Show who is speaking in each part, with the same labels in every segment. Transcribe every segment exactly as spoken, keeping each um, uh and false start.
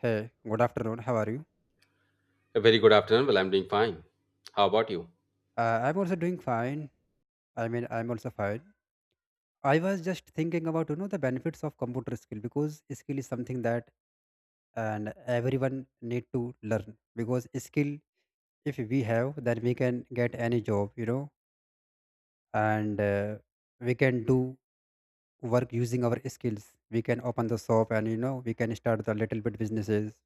Speaker 1: Hey, good afternoon. How are you?
Speaker 2: A very good afternoon. Well, I'm doing fine. How about you?
Speaker 1: Uh, I'm also doing fine. I mean, I'm also fine. I was just thinking about you know the benefits of computer skill because skill is something that and everyone need to learn. Because skill if we have, then we can get any job you know. And uh, we can do work using our skills. We can open the shop and you know we can start the little bit businesses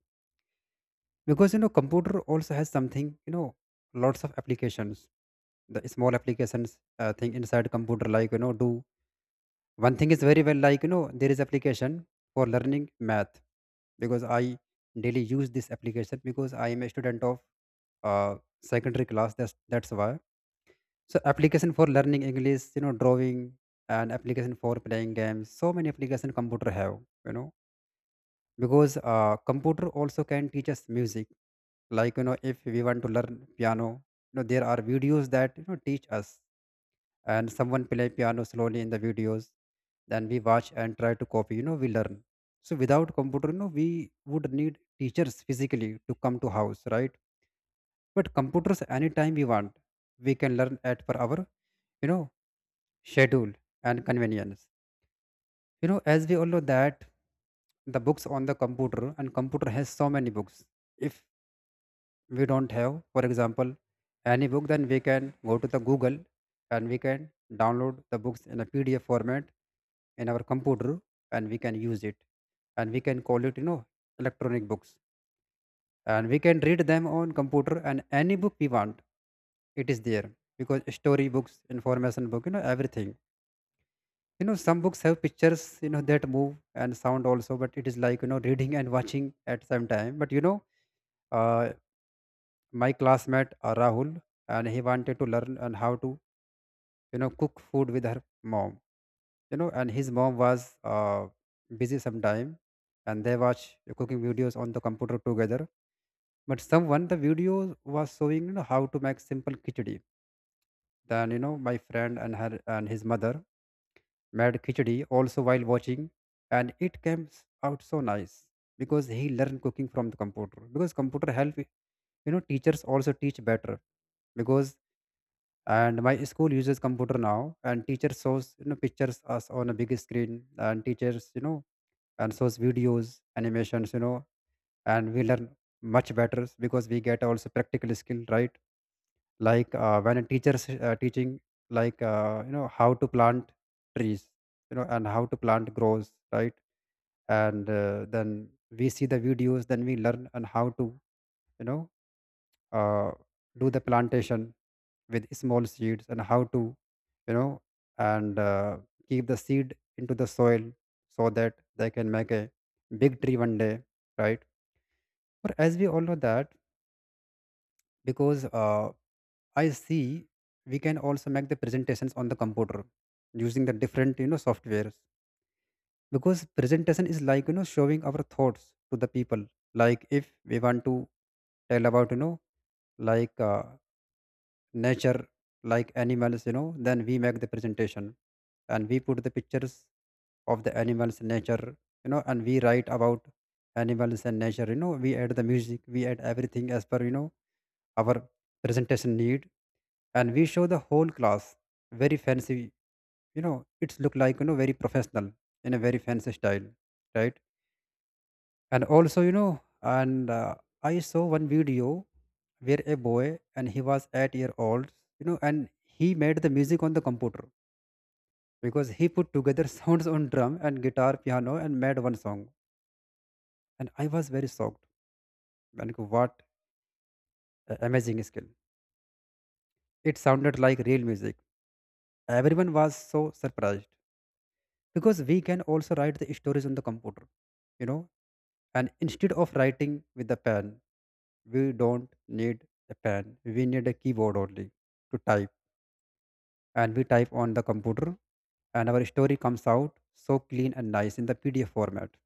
Speaker 1: because you know computer also has something you know, lots of applications, the small applications uh, thing inside computer like you know do one thing is very well, like you know there is application for learning math because I daily use this application because I am a student of uh, secondary class. That's that's why so application for learning english, you know, drawing, and application for playing games, so many application computer have, you know. Because uh, computer also can teach us music, like you know if we want to learn piano, you know there are videos that you know teach us, and someone play piano slowly in the videos, then we watch and try to copy, you know we learn. So without computer you know we would need teachers physically to come to house, right? But computers, anytime we want, we can learn at per hour, you know, schedule and convenience. You know, as we all know that the books on the computer and computer has so many books. If we don't have, for example, any book, then we can go to the Google and we can download the books in a P D F format in our computer, and we can use it, and we can call it, you know, electronic books, and we can read them on computer, and any book we want, it is there, because story books, information book, you know, everything. You know, some books have pictures, you know, that move and sound also, but it is like, you know, reading and watching at same time. But, you know, uh, my classmate uh, Rahul, and he wanted to learn and how to you know cook food with her mom. You know, and his mom was uh, busy sometime, and they watch cooking videos on the computer together. But someone the video was showing, you know, how to make simple khichdi. Then you know my friend and her and his mother made khichdi also while watching, and it came s- out so nice because he learned cooking from the computer. Because computer help you know teachers also teach better because. And my school uses computer now and teacher shows you know pictures us on a big screen, and teachers you know and shows videos, animations, you know, and we learn much better because we get also practical skill, right? Like uh, when a teacher's uh, teaching, like uh, you know how to plant trees, you know, and how to plant grows, right? And uh, then we see the videos, then we learn and how to you know uh, do the plantation with small seeds, and how to you know and uh, keep the seed into the soil so that they can make a big tree one day, right? But as we all know that, because uh, I see, we can also make the presentations on the computer using the different you know softwares. Because presentation is like you know showing our thoughts to the people, like if we want to tell about you know, like uh, nature, like animals, you know, then we make the presentation and we put the pictures of the animals, nature, you know, and we write about animals and nature, you know, we add the music, we add everything as per you know our presentation need, and we show the whole class very fancy, you know, it's look like you know very professional, in a very fancy style, right? And also you know, and uh, I saw one video where a boy, and he was eight year old, you know, and he made the music on the computer because he put together sounds on drum and guitar, piano, and made one song, and I was very shocked. And what a amazing skill, it sounded like real music, everyone was so surprised. Because we can also write the stories on the computer, you know. And instead of writing with a pen, we don't need a pen. We need a keyboard only to type. And we type on the computer and our story comes out so clean and nice in the P D F format.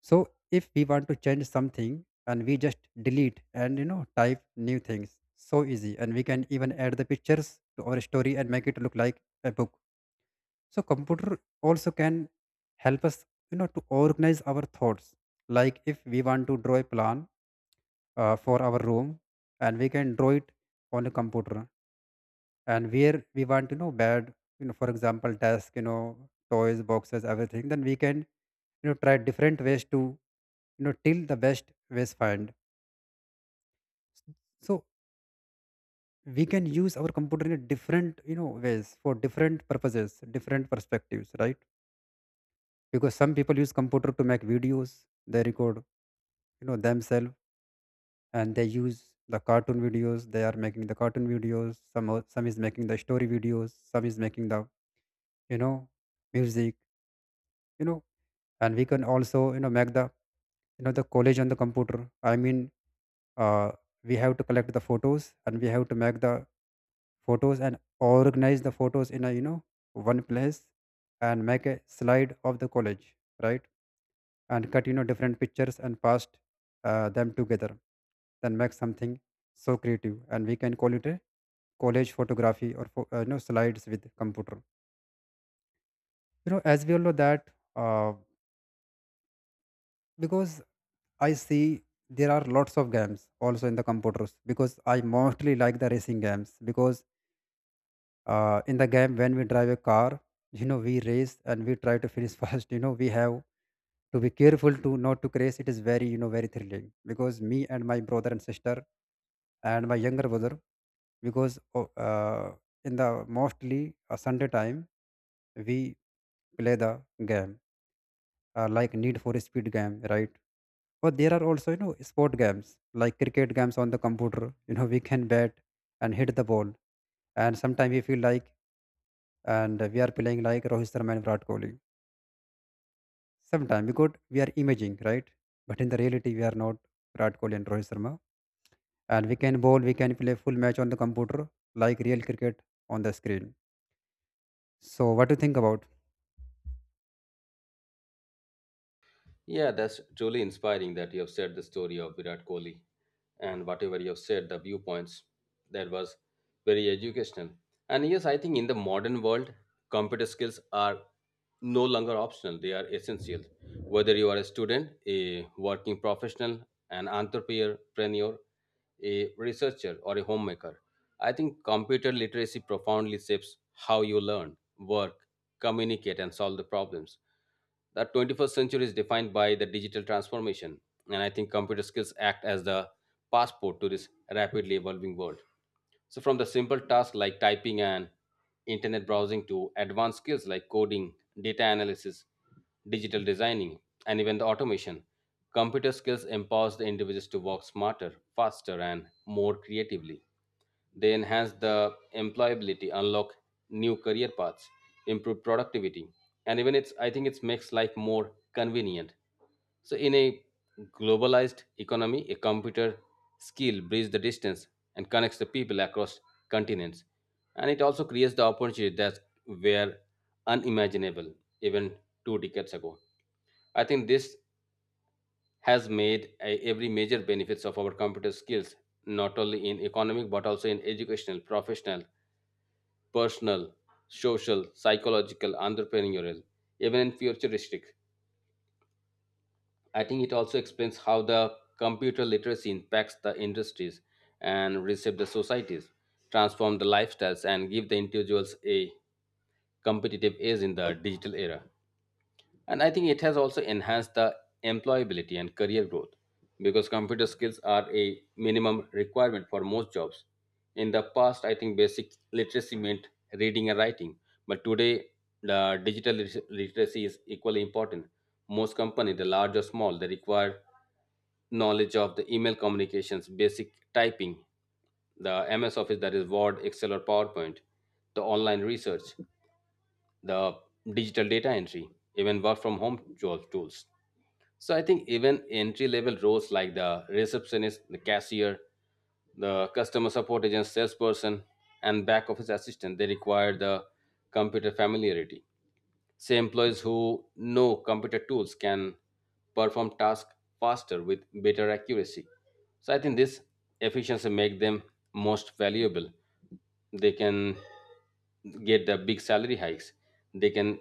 Speaker 1: So if we want to change something and we just delete and you know type new things, so easy, and we can even add the pictures to our story and make it look like a book. So computer also can help us you know to organize our thoughts, like if we want to draw a plan uh, for our room, and we can draw it on a computer, and where we want you know bed, you know for example desk, you know toys, boxes, everything, then we can you know try different ways to you know till the best ways find. So we can use our computer in a different you know ways for different purposes, different perspectives, right? Because some people use computer to make videos, they record you know themselves, and they use the cartoon videos, they are making the cartoon videos, some are- some is making the story videos, some is making the you know music, you know. And we can also you know make the you know the college on the computer. I mean, uh, we have to collect the photos and we have to make the photos and organize the photos in a you know one place, and make a slide of the college, right? And cut you know different pictures and paste uh, them together, then make something so creative, and we can call it a college photography or pho- uh, you know slides with computer. You know, as we all know that, uh, because i see there are lots of games also in the computers. Because I mostly like the racing games because uh, in the game when we drive a car, you know we race and we try to finish first, you know we have to be careful to not to crash, it is very you know very thrilling. Because me and my brother and sister and my younger brother, because o- uh, in the mostly uh, sunday time, we play the game, uh, like need for speed game, right? But there are also you know sport games like cricket games on the computer, you know we can bat and hit the ball, and sometimes we feel like and we are playing like Rohit Sharma and Virat Kohli. Sometimes, because we are imaging, right? But in the reality, we are not Virat Kohli and Rohit Sharma. And we can bowl, we can play full match on the computer, like real cricket on the screen. So what do you think about?
Speaker 2: Yeah, that's truly inspiring that you have said the story of Virat Kohli and whatever you have said, the viewpoints. That was very educational. And yes, I think in the modern world, computer skills are no longer optional, they are essential. Whether you are a student, a working professional, an entrepreneur, a researcher, or a homemaker. I think computer literacy profoundly shapes how you learn, work, communicate, and solve the problems. The twenty-first century is defined by the digital transformation, and I think computer skills act as the passport to this rapidly evolving world. So, from the simple tasks like typing and internet browsing to advanced skills like coding, data analysis, digital designing, and even the automation, computer skills empowers the individuals to work smarter, faster, and more creatively. They enhance the employability, unlock new career paths, improve productivity, and even it's I think it makes life more convenient, so, in a globalized economy, a computer skill bridges the distance and connects the people across continents. And it also creates the opportunity that were unimaginable even two decades ago. I think this has made a- every major benefits of our computer skills, not only in economic but also in educational, professional, personal, social, psychological, entrepreneurial, even in futuristic. I think it also explains how the computer literacy impacts the industries and reshape the societies, transform the lifestyles, and give the individuals a competitive edge in the digital era. And I think it has also enhanced the employability and career growth because computer skills are a minimum requirement for most jobs. In the past, I think basic literacy meant reading and writing, but today the digital lit- literacy is equally important. Most companies, the large or small, they require knowledge of the email communications, basic typing, the M S Office that is Word, Excel, or PowerPoint, the online research, the digital data entry, even work from home job tools. So I think even entry level roles like the receptionist, the cashier, the customer support agent, salesperson, and back office assistant, they require the computer familiarity. Say employees who know computer tools can perform tasks faster with better accuracy. So I think this efficiency make them most valuable. They can get the big salary hikes, they can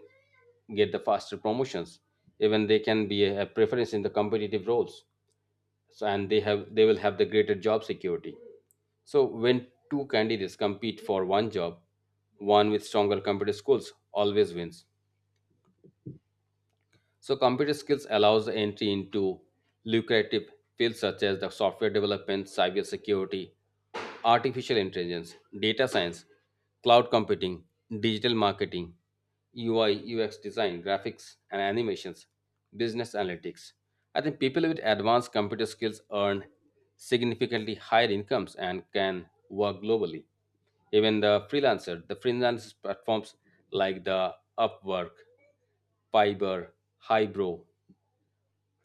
Speaker 2: get the faster promotions, even they can be a preference in the competitive roles, so and they have they will have the greater job security. So when two candidates compete for one job, one with stronger computer skills always wins. So computer skills allows the entry into lucrative fields such as the software development, cybersecurity, artificial intelligence, data science, cloud computing, digital marketing, U I, U X design, graphics and animations, business analytics. I think people with advanced computer skills earn significantly higher incomes and can work globally. Even the freelancer, the freelance platforms like the Upwork, Fiber, Hybro,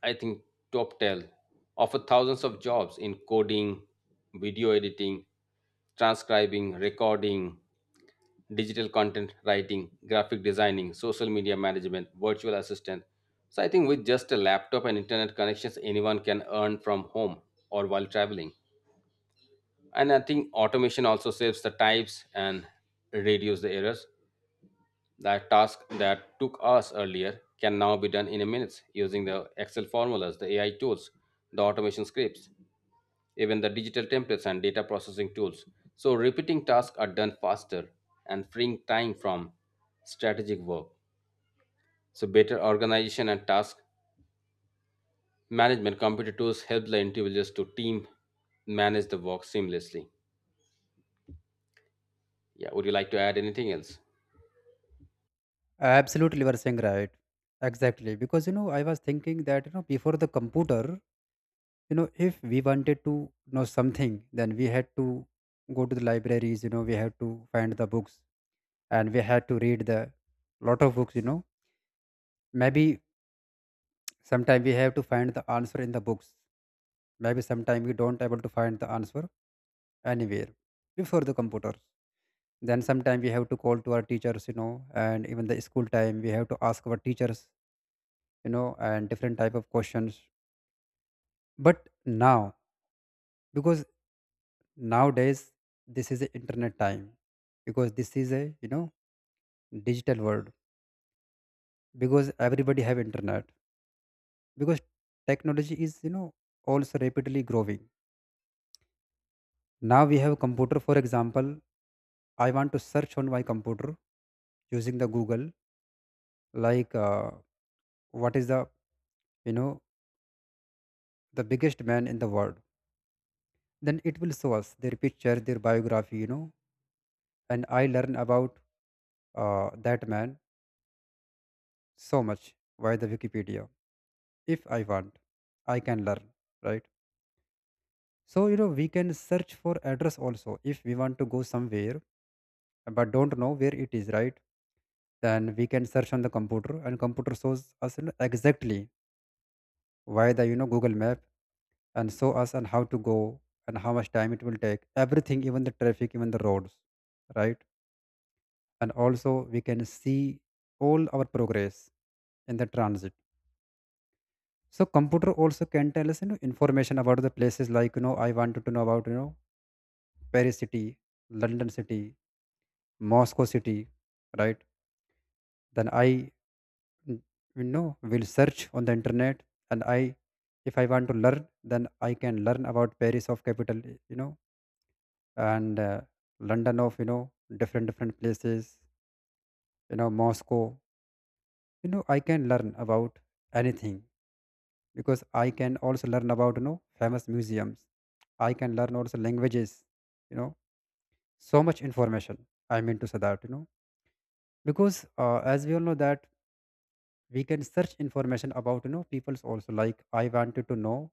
Speaker 2: I think TopTel offer thousands of jobs in coding, video editing, transcribing, recording, digital content writing, graphic designing, social media management, virtual assistant. So I think with just a laptop and internet connections, anyone can earn from home or while traveling. And I think automation also saves the types and reduce the errors. That task that took us earlier can now be done in a minute using the Excel formulas, the A I tools, the automation scripts, even the digital templates and data processing tools. So repeating tasks are done faster and freeing time from strategic work. So better organization and task management computer tools help the individuals to team manage the work seamlessly. Yeah, would you like to add anything else?
Speaker 1: Absolutely, you are saying right. Exactly, because you know I was thinking that you know before the computer, you know if we wanted to know something, then we had to go to the libraries. You know we had to find the books and we had to read the lot of books, you know. Maybe sometimes we have to find the answer in the books. Maybe sometimes we don't able to find the answer anywhere before the computer. Then sometimes we have to call to our teachers, you know, and even the school time we have to ask our teachers, you know, and different type of questions. But now, because nowadays this is the internet time, because this is a you know digital world, because everybody have internet, because technology is you know also rapidly growing. Now we have computer, for example, I want to search on my computer using the Google, like uh, what is the you know the biggest man in the world. Then it will show us their picture, their biography, you know, and I learn about uh, that man so much via the Wikipedia. If I want, I can learn, right? So you know we can search for address also if we want to go somewhere but don't know where it is, right? Then we can search on the computer and computer shows us, you know, exactly via the you know Google Map, and show us and how to go and how much time it will take. Everything, even the traffic, even the roads, right? And also we can see all our progress in the transit. So computer also can tell us you know information about the places, like you know I wanted to know about you know Paris city, London city, Moscow city, right? Then I mm, you know will search on the internet, and I if I want to learn, then I can learn about Paris of capital, you know, and uh, London of, you know, different different places, you know, Moscow. You know, I can learn about anything, because I can also learn about, you know, famous museums. I can learn also languages. You know, so much information. I mean to say that, you know, because uh, as we all know that we can search information about, you know, people's also, like I wanted to know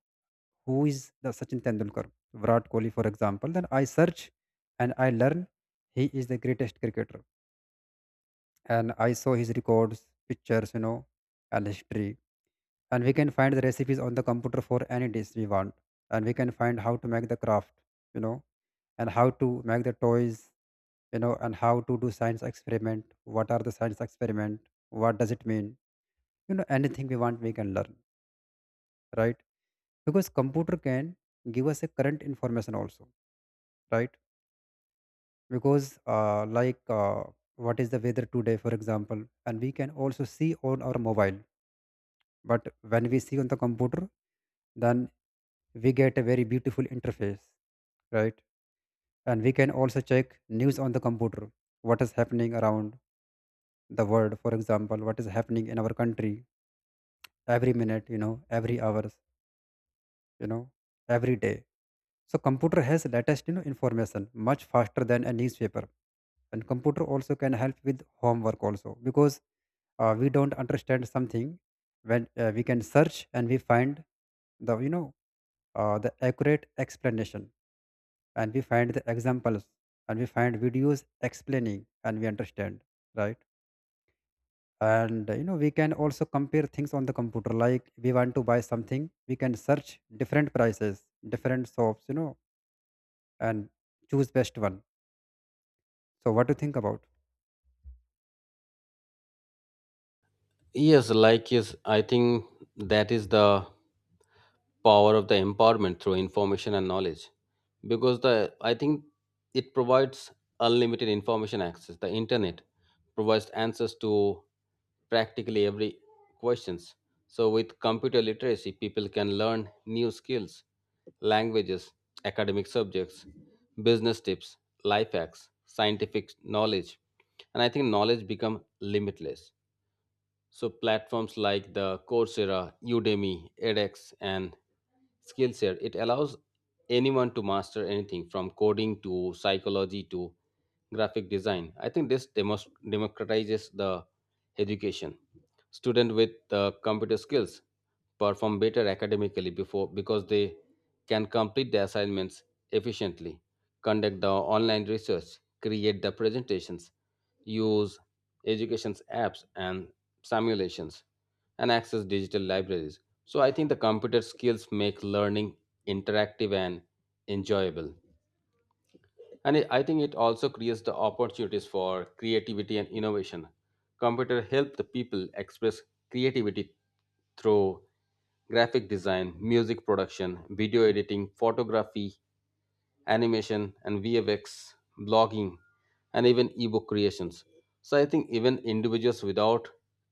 Speaker 1: who is the Sachin Tendulkar, Virat Kohli, for example. Then I search and I learn he is the greatest cricketer, and I saw his records, pictures, you know, and history. And we can find the recipes on the computer for any dish we want. And we can find how to make the craft, you know, and how to make the toys, you know, and how to do science experiment. What are the science experiment? What does it mean? You know, anything we want, we can learn, right? Because computer can give us a current information also, right? Because uh, like uh, what is the weather today, for example, and we can also see on our mobile. But when we see on the computer, then we get a very beautiful interface, right? And we can also check news on the computer, what is happening around the world, for example, what is happening in our country every minute, you know, every hours, you know, every day. So computer has latest, you know, information much faster than a newspaper. And computer also can help with homework also, because uh, we don't understand something. When uh, we can search, and we find the, you know, uh, the accurate explanation, and we find the examples, and we find videos explaining, and we understand, right. And uh, you know, we can also compare things on the computer, like we want to buy something, we can search different prices, different shops, you know, and choose best one. So what do you think about?
Speaker 2: Yes, like yes, I think that is the power of the empowerment through information and knowledge because the I think it provides unlimited information access. The internet provides answers to practically every questions. So with computer literacy, people can learn new skills, languages, academic subjects, business tips, life hacks, scientific knowledge, and I think knowledge become limitless. So platforms like the Coursera, Udemy, edX, and Skillshare, it allows anyone to master anything from coding to psychology to graphic design. I think this demos- democratizes the education. Students with uh, computer skills perform better academically before because they can complete the assignments efficiently, conduct the online research, create the presentations, use education's apps and simulations and access digital libraries. So I think the computer skills make learning interactive and enjoyable. And it- I think it also creates the opportunities for creativity and innovation. Computer help the people express creativity through graphic design, music production, video editing, photography, animation and V F X, blogging, and even ebook creations. So I think even individuals without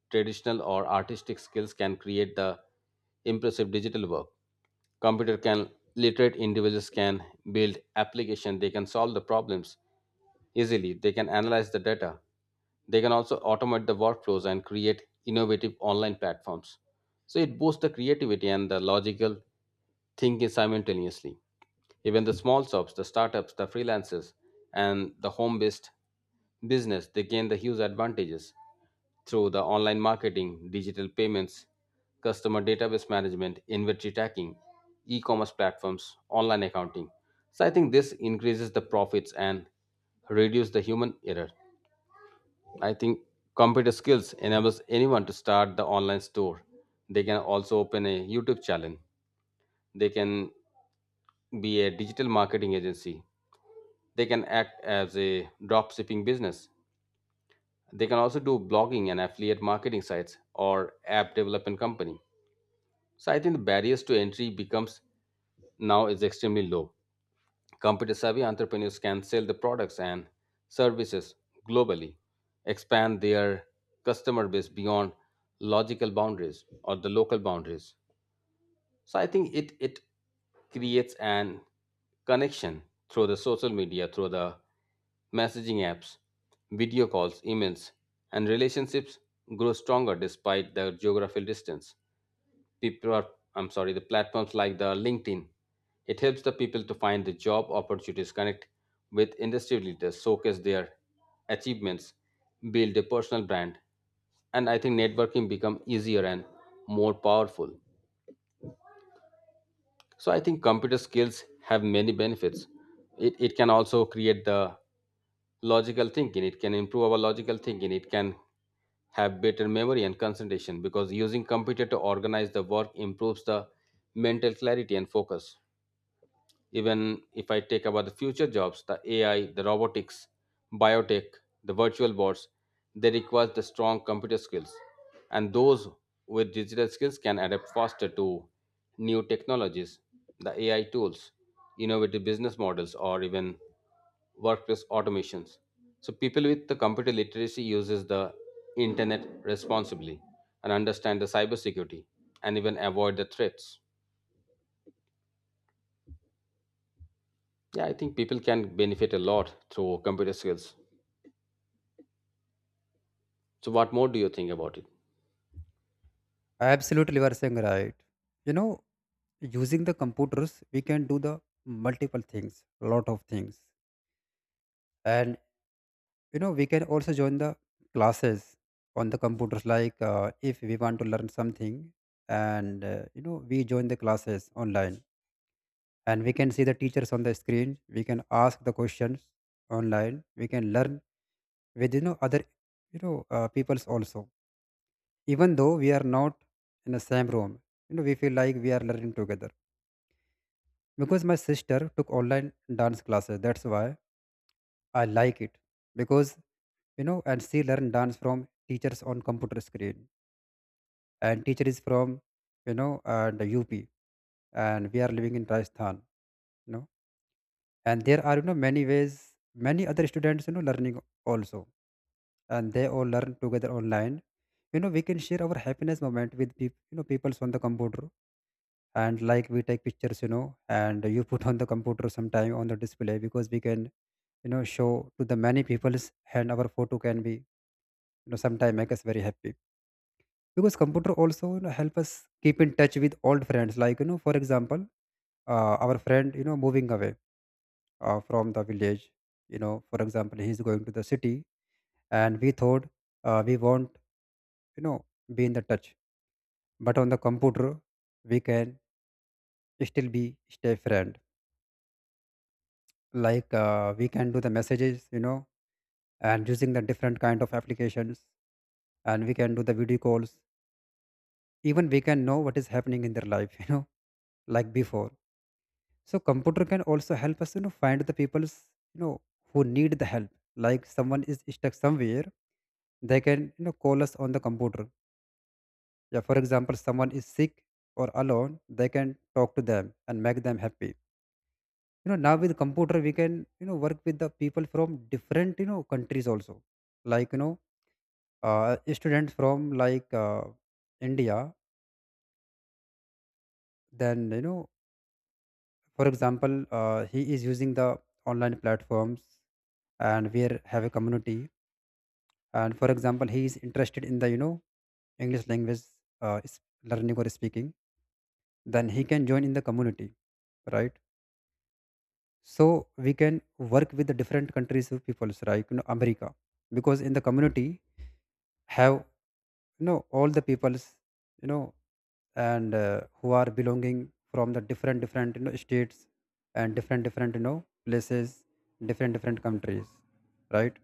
Speaker 2: traditional or artistic skills can create the impressive digital work. Computer can literate individuals can build application, they can solve the problems easily, they can analyze the data, they can also automate the workflows and create innovative online platforms. So it boosts the creativity and the logical thinking simultaneously. Even the small shops, the startups, the freelancers, and the home based business, they gain the huge advantages through the online marketing, digital payments, customer database management, inventory tracking, e commerce platforms, online accounting. So I think this increases the profits and reduce the human error. I think computer skills enables anyone to start the online store. They can also open a YouTube channel. They can be a digital marketing agency. They can act as a drop shipping business. They can also do blogging and affiliate marketing sites or app development company. So I think the barriers to entry becomes now is extremely low. Computer savvy entrepreneurs can sell the products and services globally, expand their customer base beyond logical boundaries or the local boundaries. So I think it it creates an connection through the social media, through the messaging apps, video calls, emails, and relationships grow stronger despite the geographical distance. People are, I'm sorry, the platforms like the LinkedIn, it helps the people to find the job opportunities, connect with industry leaders, showcase their achievements, build a personal brand, and I think networking become easier and more powerful. So I think computer skills have many benefits. It, it can also create the logical thinking, it can improve our logical thinking, it can have better memory and concentration because using computer to organize the work improves the mental clarity and focus. Even if I take about the future jobs, the A I, the robotics, biotech, the virtual bots, they require the strong computer skills. And those with digital skills can adapt faster to new technologies, the A I tools, innovative business models, or even workplace automations. So people with the computer literacy uses the internet responsibly and understand the cybersecurity and even avoid the threats. Yeah, I think people can benefit a lot through computer skills. So, what more do you think about it?
Speaker 1: Absolutely, you are saying right. You know, using the computers, we can do the multiple things, lot of things. And, you know, we can also join the classes on the computers, like uh, if we want to learn something, and uh, you know, we join the classes online, and we can see the teachers on the screen, we can ask the questions online, we can learn with, you know, other, you know, uh, peoples also. Even though we are not in the same room, you know, we feel like we are learning together, because my sister took online dance classes. That's why I like it. Because, you know, and she learned dance from teachers on computer screen, and teacher is from, you know, uh, the U P, and we are living in Rajasthan, you know. And there are, you know, many ways, many other students, you know, learning also, and they all learn together online. You know, we can share our happiness moment with people, you know, people's on the computer. And like, we take pictures, you know, and you put on the computer sometime on the display, because we can, you know, show to the many people's, and our photo can be, you know, sometime make us very happy. Because computer also, you know, help us keep in touch with old friends, like, you know, for example, uh, our friend, you know, moving away uh, from the village, you know, for example, he's going to the city, and we thought uh, we won't, you know, be in the touch. But on the computer, we can still be, stay friend. Like uh, we can do the messages, you know, and using the different kind of applications, and we can do the video calls. Even we can know what is happening in their life, you know, like before. So computer can also help us, you know, find the people, you know, who need the help. Like someone is stuck somewhere, they can, you know, call us on the computer. Yeah, for example, someone is sick or alone, they can talk to them and make them happy. You know, now with computer, we can, you know, work with the people from different, you know, countries also. Like, you know, uh, a student from, like, uh, india, then, you know, for example, uh, he is using the online platforms, and we are- have a community. And for example, he is interested in the, you know, english language, uh, is learning or speaking, then he can join in the community, right? So we can work with the different countries of peoples, right, you know, america, because in the community, have, you know, all the peoples, you know, and uh, who are belonging from the different different, you know, states, and different different, you know, places, different different countries, right.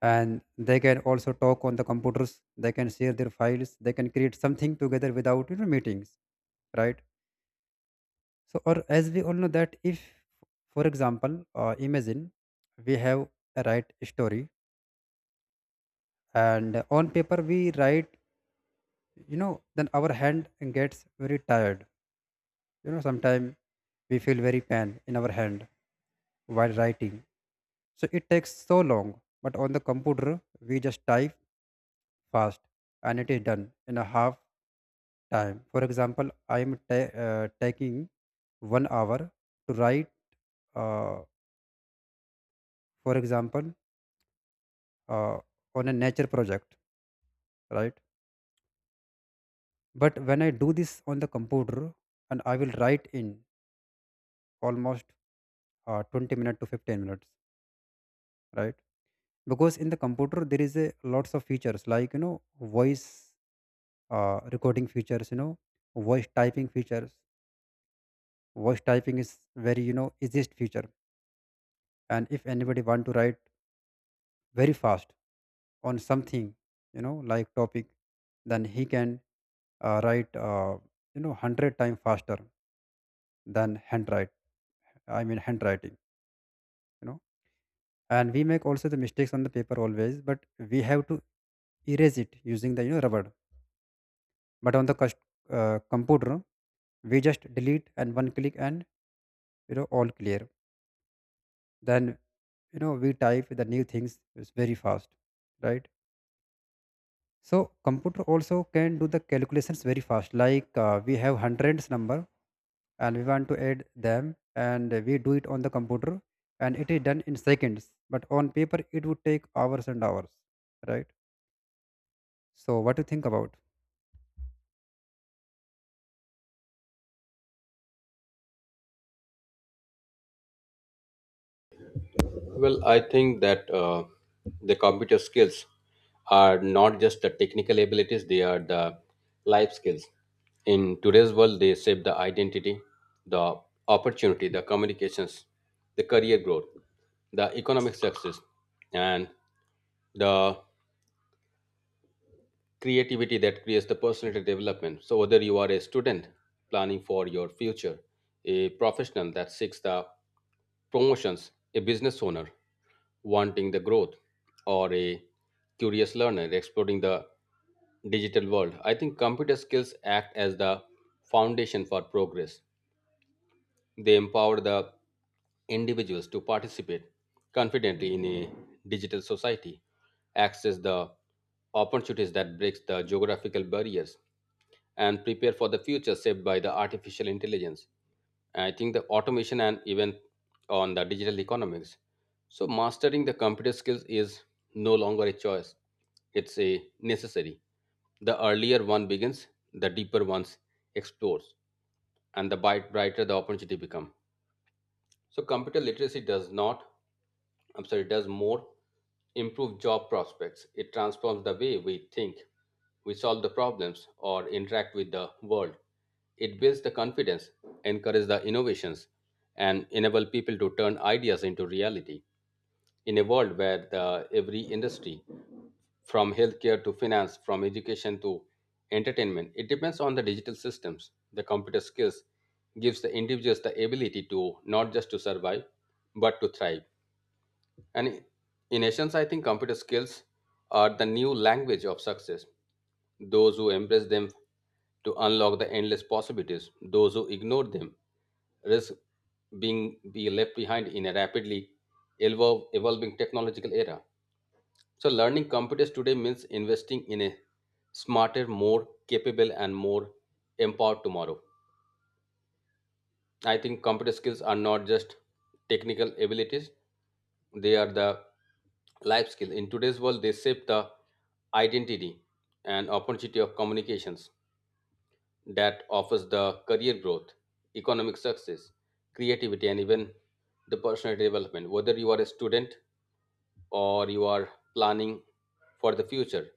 Speaker 1: And they can also talk on the computers, they can share their files, they can create something together without, you know, meetings, right. So, or as we all know that, if for example, uh, imagine we have a right story, and on paper we write, you know, then our hand gets very tired, you know, sometimes we feel very pain in our hand while writing. So it takes so long, but on the computer we just type fast, and it is done in a half time. For example, I am ta- uh, taking one hour to write, uh, for example, uh, on a nature project, right? But when I do this on the computer, and I will write in almost uh, twenty minutes to fifteen minutes, right? Because in the computer there is a lots of features, like you know, voice uh, recording features, you know, voice typing features. Voice typing is very, you know, easiest feature, and if anybody want to write very fast on something, you know, like topic, then he can uh, write, uh, you know, one hundred times faster than handwrite I mean handwriting, you know. And we make also the mistakes on the paper always, but we have to erase it using the, you know, rubber. But on the cus- uh, computer, we just delete and one click, and, you know, all clear. Then, you know, we type the new things, is very fast, right. So computer also can do the calculations very fast. Like uh, we have hundreds number, and we want to add them, and we do it on the computer, and it is done in seconds. But on paper it would take hours and hours, right? So what do you think about?
Speaker 2: Well, I think that uh, the computer skills are not just the technical abilities, they are the life skills. In today's world, they shape the identity, the opportunity, the communications, the career growth, the economic success, and the creativity that creates the personality development. So whether you are a student planning for your future, a professional that seeks the promotions, a business owner wanting the growth, or a curious learner exploring the digital world, I think computer skills act as the foundation for progress. They empower the individuals to participate confidently in a digital society, access the opportunities that breaks the geographical barriers, and prepare for the future shaped by the artificial intelligence. I think the automation and even on the digital economics. So mastering the computer skills is no longer a choice. It's a necessary. The earlier one begins, the deeper one explores, and the bright- brighter the opportunity become. So computer literacy does not, I'm sorry, does more improve job prospects. It transforms the way we think, we solve the problems, or interact with the world. It builds the confidence, encourages the innovations, and enable people to turn ideas into reality in a world where the, every industry, from healthcare to finance, from education to entertainment, it depends on the digital systems. The computer skills gives the individuals the ability to not just to survive, but to thrive. And in essence, I think computer skills are the new language of success. Those who embrace them to unlock the endless possibilities, those who ignore them risk being be left behind in a rapidly evolve, evolving technological era. So, learning computers today means investing in a smarter, more capable, and more empowered tomorrow. I think computer skills are not just technical abilities, they are the life skill. In today's world, they shape the identity and opportunity of communications that offers the career growth, economic success, creativity, and even the personal development. Whether you are a student or you are planning for the future,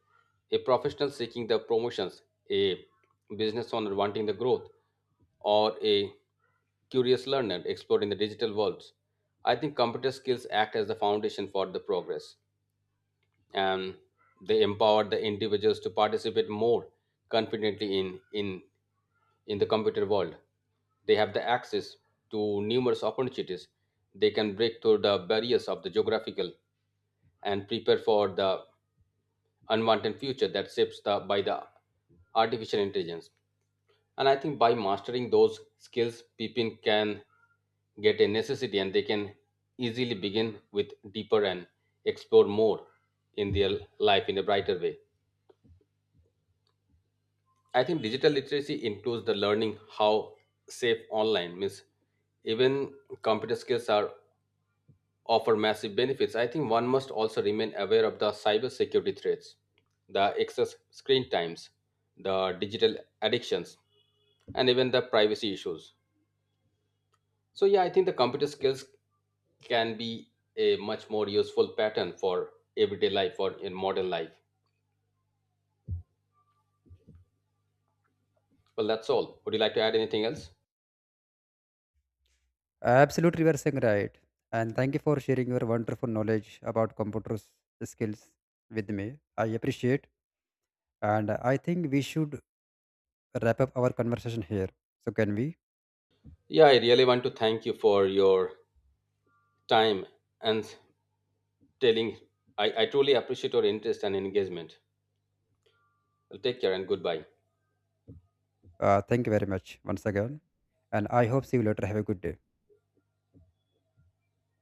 Speaker 2: a professional seeking the promotions, a business owner wanting the growth, or a curious learner exploring the digital worlds. I think computer skills act as the foundation for the progress and they empower the individuals to participate more confidently in, in, in the computer world. They have the access to numerous opportunities. They can break through the barriers of the geographical and prepare for the unwanted future that shapes the, by the artificial intelligence. And I think by mastering those skills, people can get a necessity and they can easily begin with deeper and explore more in their life in a brighter way. I think digital literacy includes the learning how safe online means even computer skills are offer massive benefits, I think one must also remain aware of the cybersecurity threats, the excess screen times, the digital addictions, and even the privacy issues. So, yeah, I think the computer skills can be a much more useful pattern for everyday life or in modern life. Well, that's all. Would you like to add anything else?
Speaker 1: Absolutely, you are saying right. And thank you for sharing your wonderful knowledge about computers skills with me. I appreciate, and I think we should wrap up our conversation here. So can we?
Speaker 2: Yeah, I really want to thank you for your time and telling. I, I truly appreciate your interest and engagement. Well, take care and goodbye.
Speaker 1: Uh, thank you very much once again, and I hope see you later. Have a good day.